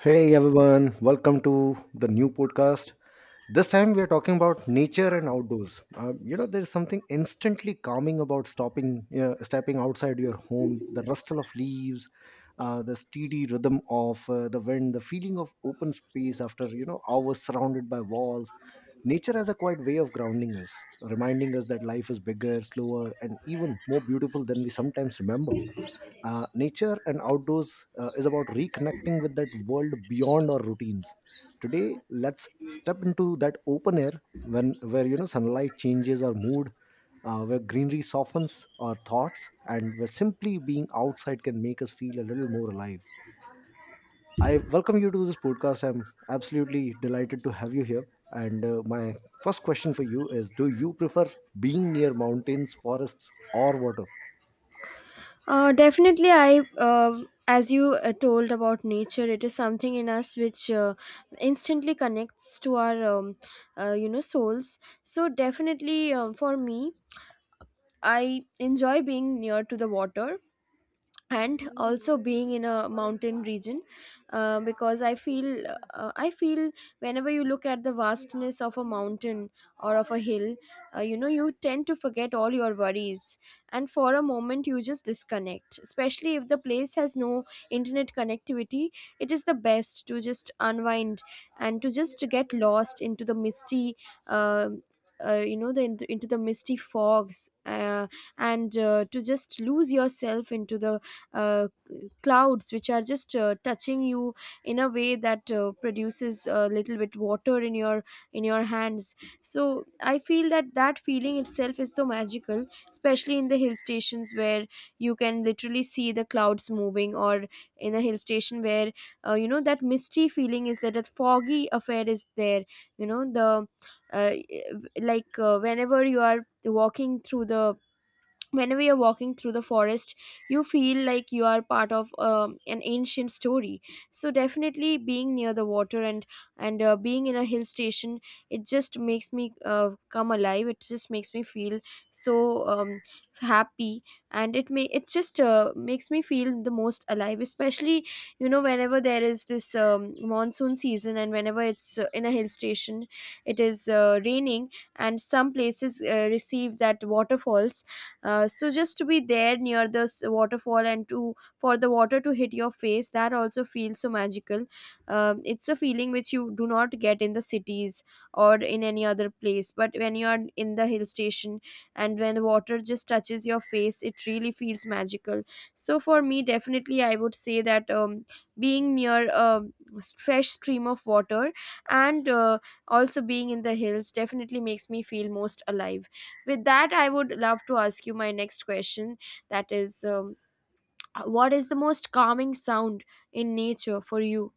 Hey everyone, welcome to the new podcast. This time we are talking about nature and outdoors. There is something instantly calming about stepping outside your home, the rustle of leaves, the steady rhythm of the wind, the feeling of open space after hours surrounded by walls. Nature has a quiet way of grounding us, reminding us that life is bigger, slower, and even more beautiful than we sometimes remember. Nature and outdoors is about reconnecting with that world beyond our routines. Today let's step into that open air, when where you know sunlight changes our mood, where greenery softens our thoughts, and where simply being outside can make us feel a little more alive. I welcome you to this podcast. I'm absolutely delighted to have you here. And my first question for you is, do you prefer being near mountains, forests, or water? Definitely, I, as you told about nature, it is something in us which instantly connects to our, souls. So definitely, for me, I enjoy being near to the water and also being in a mountain region because I feel whenever you look at the vastness of a mountain or of a hill, you tend to forget all your worries, and for a moment you just disconnect, especially if the place has no internet connectivity. It is the best to just unwind and to just get lost into the misty, uh, you know the into the misty fogs, and to just lose yourself into the uh, clouds which are just touching you in a way that produces a little bit water in your, in your hands. So I feel that that feeling itself is so magical, especially in the hill stations where you can literally see the clouds moving, or in a hill station where, that misty feeling is there, that foggy affair is there. You know the uh, like Whenever you are walking through the, when we are walking through the forest, you feel like you are part of an ancient story. So definitely, being near the water and being in a hill station, it just makes me come alive, it just makes me feel so happy, and it just makes me feel the most alive, especially whenever there is this monsoon season, and whenever it's in a hill station, it is raining, and some places receive that waterfalls. So just to be there near this waterfall, and to, for the water to hit your face, that also feels so magical. It's a feeling which you do not get in the cities or in any other place, but when you are in the hill station and when water just touches your face, it really feels magical. So for me, definitely I would say that, being near a fresh stream of water, and also being in the hills, definitely makes me feel most alive. With that, I would love to ask you my next question, that is, what is the most calming sound in nature for you?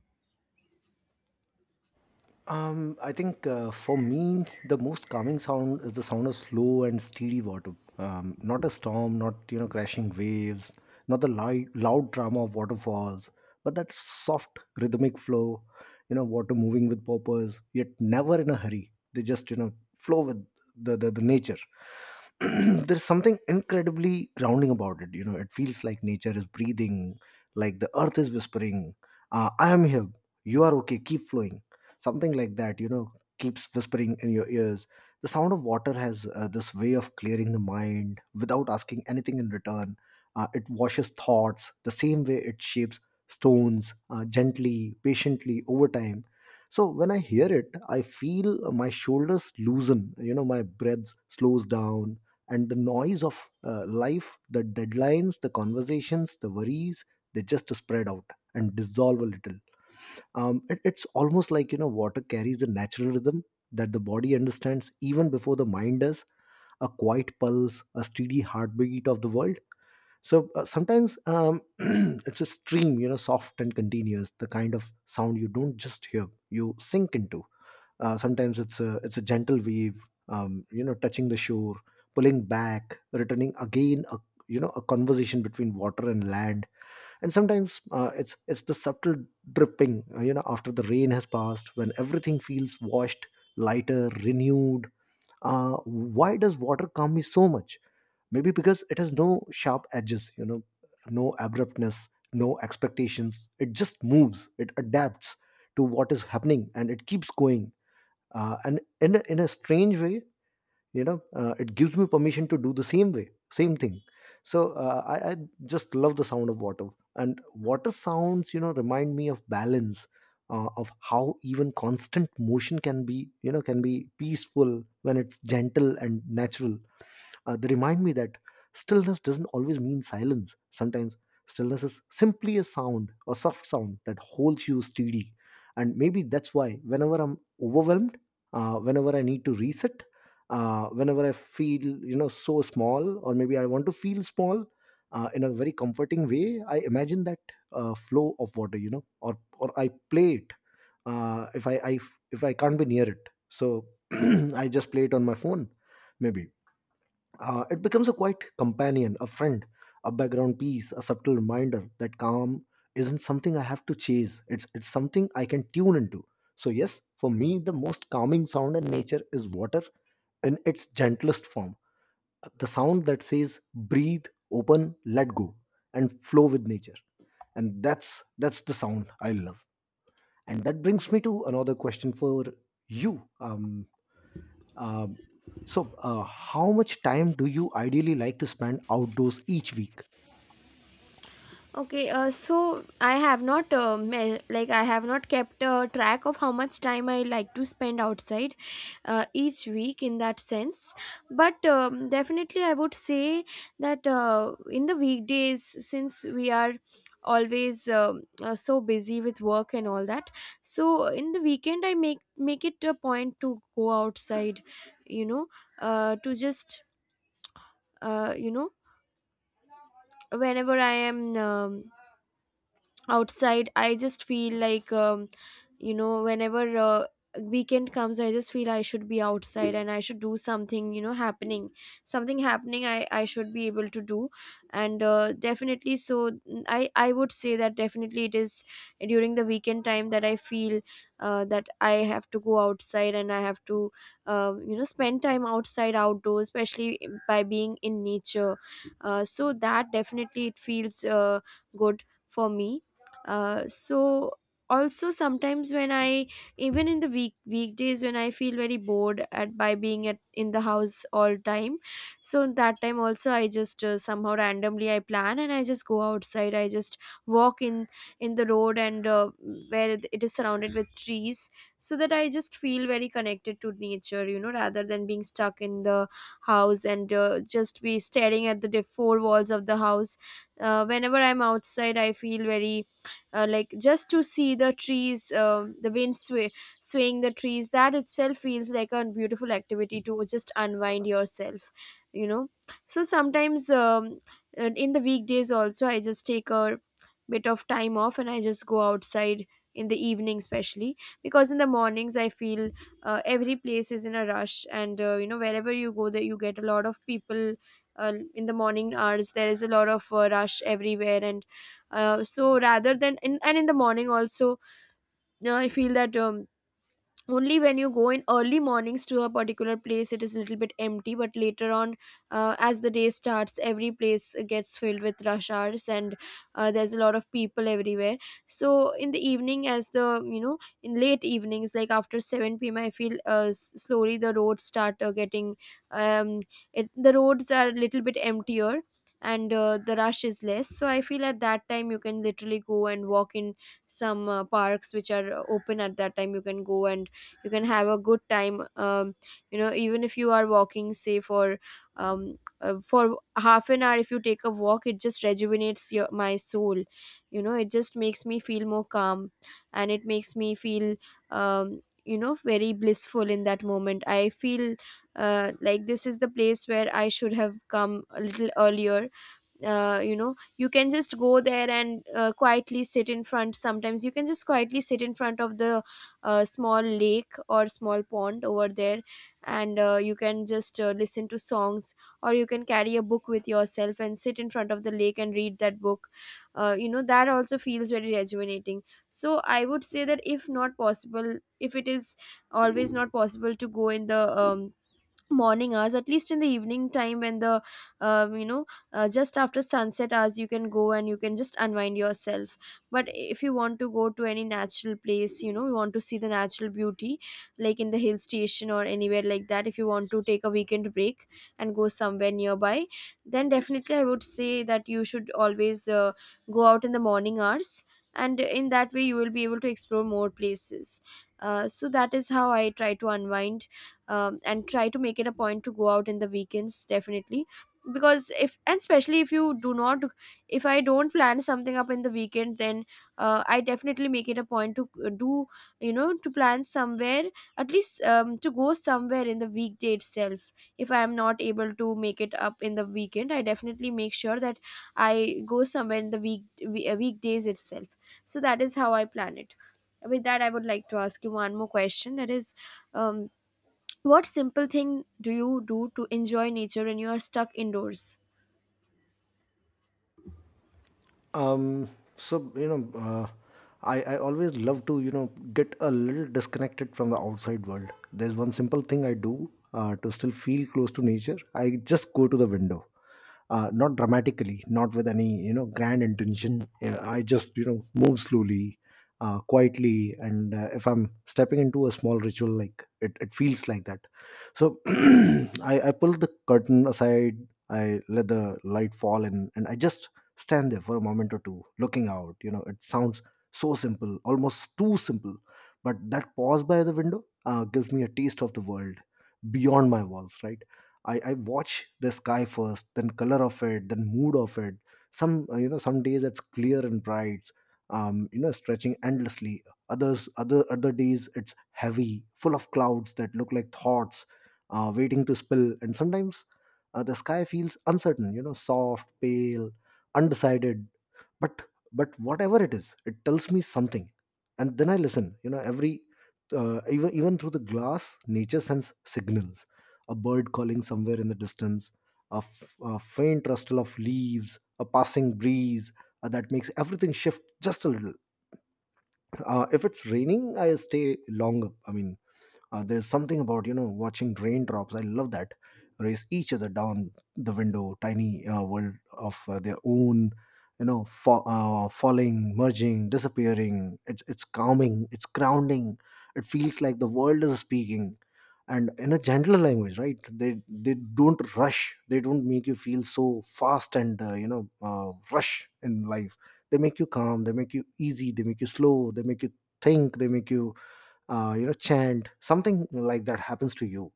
I think for me, the most calming sound is the sound of slow and steady water. Not a storm, not crashing waves, not the light, loud drama of waterfalls, but that soft rhythmic flow. You know, water moving with purpose, yet never in a hurry. They just flow with the nature. There's something incredibly grounding about it. You know, it feels like nature is breathing, like the earth is whispering, "I am here. You are okay. Keep flowing." Something like that, you know, keeps whispering in your ears. The sound of water has this way of clearing the mind without asking anything in return. It washes thoughts the same way it shapes stones, gently, patiently, over time. So when I hear it, I feel my shoulders loosen, you know, my breath slows down, and the noise of life, the deadlines, the conversations, the worries, they just spread out and dissolve a little. It's almost like, you know, water carries a natural rhythm that the body understands even before the mind does. A quiet pulse, a steady heartbeat of the world. So sometimes it's a stream, you know, soft and continuous, the kind of sound you don't just hear, you sink into. Sometimes it's a gentle wave, you know, touching the shore, pulling back, returning again, a, you know, a conversation between water and land. And sometimes it's the subtle dripping, after the rain has passed, when everything feels washed, lighter, renewed. uh, why does water calm me so much? Maybe because it has no sharp edges, you know, no abruptness, no expectations. It just moves, it adapts to what is happening, and it keeps going. And in a strange way, you know, it gives me permission to do the same way, same thing. So I just love the sound of water. And water sounds, you know, remind me of balance, of how even constant motion can be, you know, can be peaceful when it's gentle and natural. They remind me that stillness doesn't always mean silence. Sometimes stillness is simply a sound, a soft sound that holds you steady. And maybe that's why whenever I'm overwhelmed, whenever I need to reset, whenever I feel, you know, so small, or maybe I want to feel small in a very comforting way, I imagine that flow of water, you know, or I play it uh, if I, I if I can't be near it. So I just play it on my phone, maybe it becomes a quiet companion, a friend, a background piece, a subtle reminder that calm isn't something I have to chase. It's something I can tune into. So yes, for me, the most calming sound in nature is water in its gentlest form. The sound that says breathe, open, let go, and flow with nature. And that's the sound I love. And that brings me to another question for you. Um, um, how much time do you ideally like to spend outdoors each week? Okay, so I have not like I have not kept track of how much time I like to spend outside each week in that sense. But definitely, I would say that in the weekdays, since we are always so busy with work and all that, so in the weekend I make it a point to go outside, you know, to just uh, you know whenever I am. Outside I just feel like, whenever weekend comes, I just feel I should be outside and I should do something, you know, happening. Something happening I should be able to do. And definitely so, I would say that definitely it is during the weekend time that I feel that I have to go outside, and I have to, spend time outside, outdoors, especially by being in nature. So that definitely it feels good for me. So also sometimes when I, even in the weekdays, when I feel very bored at, by being at, in the house all time, so that time also I just somehow randomly I plan and I just go outside, I just walk in the road, and where it is surrounded with trees, so that I just feel very connected to nature, you know, rather than being stuck in the house and just be staring at the four walls of the house. Whenever I'm outside I feel very, like, just to see the trees, the wind sway, swaying the trees, that itself feels like a beautiful activity to just unwind yourself, you know. So sometimes, and in the weekdays also, I just take a bit of time off and I just go outside in the evening especially, because in the mornings I feel every place is in a rush, and wherever you go there you get a lot of people. In the morning hours there is a lot of rush everywhere, and so rather than in the morning also, I feel that, only when you go in early mornings to a particular place, it is a little bit empty, but later on, as the day starts, every place gets filled with rush hours, and there's a lot of people everywhere. So in the evening, as the, in late evenings like after 7 p.m I feel slowly the roads start getting um the roads are a little bit emptier, and the rush is less, so I feel at that time you can literally go and walk in some parks which are open at that time. You can go and you can have a good time. Even if you are walking, say, for 1/2 an hour, if you take a walk, it just rejuvenates your my soul, you know. It just makes me feel more calm, and it makes me feel, very blissful. In that moment I feel like this is the place where I should have come a little earlier. You can just go there and quietly sit in front. Sometimes you can just quietly sit in front of the small lake or small pond over there, and you can just listen to songs, or you can carry a book with yourself and sit in front of the lake and read that book. That also feels very rejuvenating. So I would say that, if not possible, if it is always not possible to go in the morning hours, at least in the evening time, when the, um, you know just after sunset hours, you can go and you can just unwind yourself. But if you want to go to any natural place, you know, you want to see the natural beauty, like in the hill station or anywhere like that, if you want to take a weekend break and go somewhere nearby, then definitely I would say that you should always go out in the morning hours, and in that way you will be able to explore more places. So that is how I try to unwind, and try to make it a point to go out in the weekends definitely. Because if, and especially if you do not, if I don't plan something up in the weekend, then I definitely make it a point to do, to plan somewhere, at least to go somewhere in the weekday itself. If I am not able to make it up in the weekend, I definitely make sure that I go somewhere in the weekdays itself. So that is how I plan it. With that, I would like to ask you one more question, that is, um, what simple thing do you do to enjoy nature when you are stuck indoors? um so I always love to, you know, get a little disconnected from the outside world. There's one simple thing I do to still feel close to nature. I just go to the window, not dramatically, not with any, you know, grand intention. Yeah, I just, you know, move slowly, quietly, and if I'm stepping into a small ritual, it feels like that. So I pull the curtain aside, I let the light fall in, and I just stand there for a moment or two looking out. You know, it sounds so simple, almost too simple, but that pause by the window gives me a taste of the world beyond my walls, right? I watch the sky first, then color of it, then mood of it. Some, some days it's clear and bright, you know, stretching endlessly. Other days it's heavy, full of clouds that look like thoughts waiting to spill. And sometimes the sky feels uncertain, you know, soft, pale, undecided. But but whatever it is, it tells me something. And then I listen, you know, every even through the glass, nature sends signals. A bird calling somewhere in the distance, a faint rustle of leaves, a passing breeze that makes everything shift just a little. If it's raining, I stay longer. I mean, there's something about, you know, watching raindrops, I love that, race each other down the window, tiny world of their own, you know, falling, merging, disappearing. It's calming, it's grounding. It feels like the world is speaking and in a gentler language, right? They don't rush, they don't make you feel so fast and, you know, rush in life. They make you calm, they make you easy, they make you slow, they make you think, they make you you know, chant, something like that happens to you.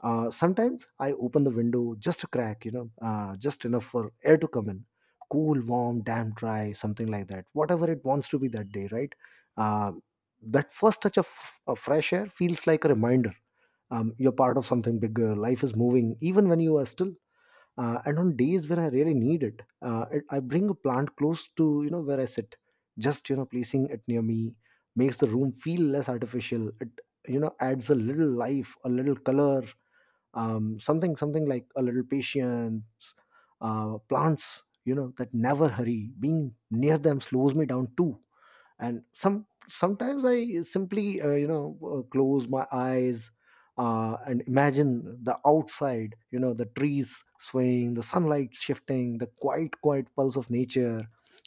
Sometimes I open the window just a crack, you know, just enough for air to come in, cool, warm, damp, dry, something like that, whatever it wants to be that day, right? uh, that first touch of fresh air feels like a reminder, you're part of something bigger. Life is moving even when you are still. And on days when I really need it, I bring a plant close to, you know, where I sit. Just, you know, placing it near me makes the room feel less artificial. It, you know, adds a little life, a little color, something like a little patience. Plants, you know, that never hurry, being near them slows me down too. And sometimes I simply, you know, close my eyes and imagine the outside, you know, the trees swaying, the sunlight shifting, the quiet pulse of nature,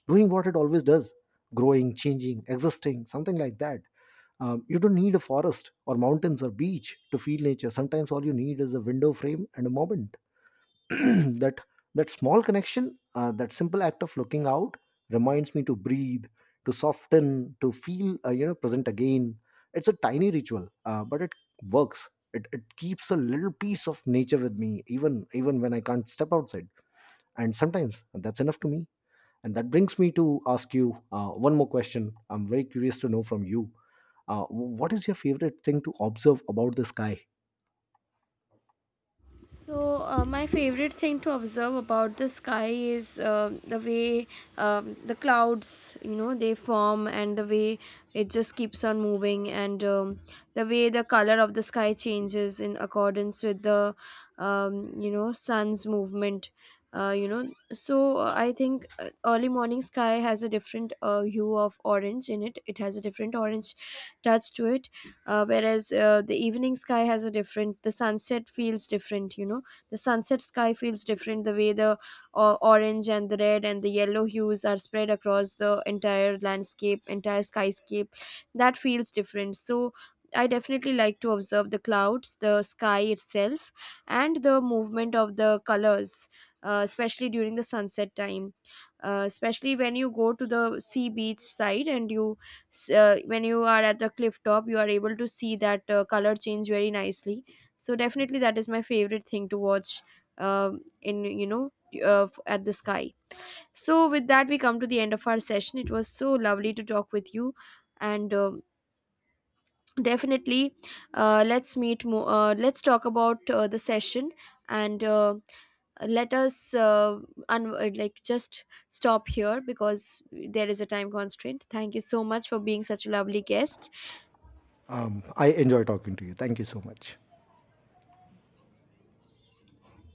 doing what it always does, growing, changing, existing, something like that. Um, you don't need a forest or mountains or beach to feel nature. Sometimes all you need is a window frame and a moment. That, that small connection, that simple act of looking out, reminds me to breathe, to soften, to feel, you know, present again. It's a tiny ritual, but it works. It keeps a little piece of nature with me, even when I can't step outside. And sometimes that's enough to me. And that brings me to ask you one more question. I'm very curious to know from you, what is your favorite thing to observe about the sky? So, my favorite thing to observe about the sky is the way, the clouds, you know, they form, and the way it just keeps on moving, and, the way the color of the sky changes in accordance with the, sun's movement. Uh, you know, so I think early morning sky has a different hue of orange in it. It has a different orange touch to it. Whereas the evening sky has a different, the sunset feels different, you know, the sunset sky feels different, the way the orange and the red and the yellow hues are spread across the entire landscape, entire skyscape, that feels different. So I definitely like to observe the clouds, the sky itself, and the movement of the colors, especially during the sunset time. Especially when you go to the sea beach side and you, so when you are at the cliff top, you are able to see that color change very nicely. So definitely that is my favorite thing to watch, in you know f- at the sky. So with that we come to the end of our session. It was so lovely to talk with you, and definitely, let's meet more, let's talk about the session, and let us, just stop here, because there is a time constraint. Thank you so much for being such a lovely guest. Um, I enjoy talking to you. Thank you so much.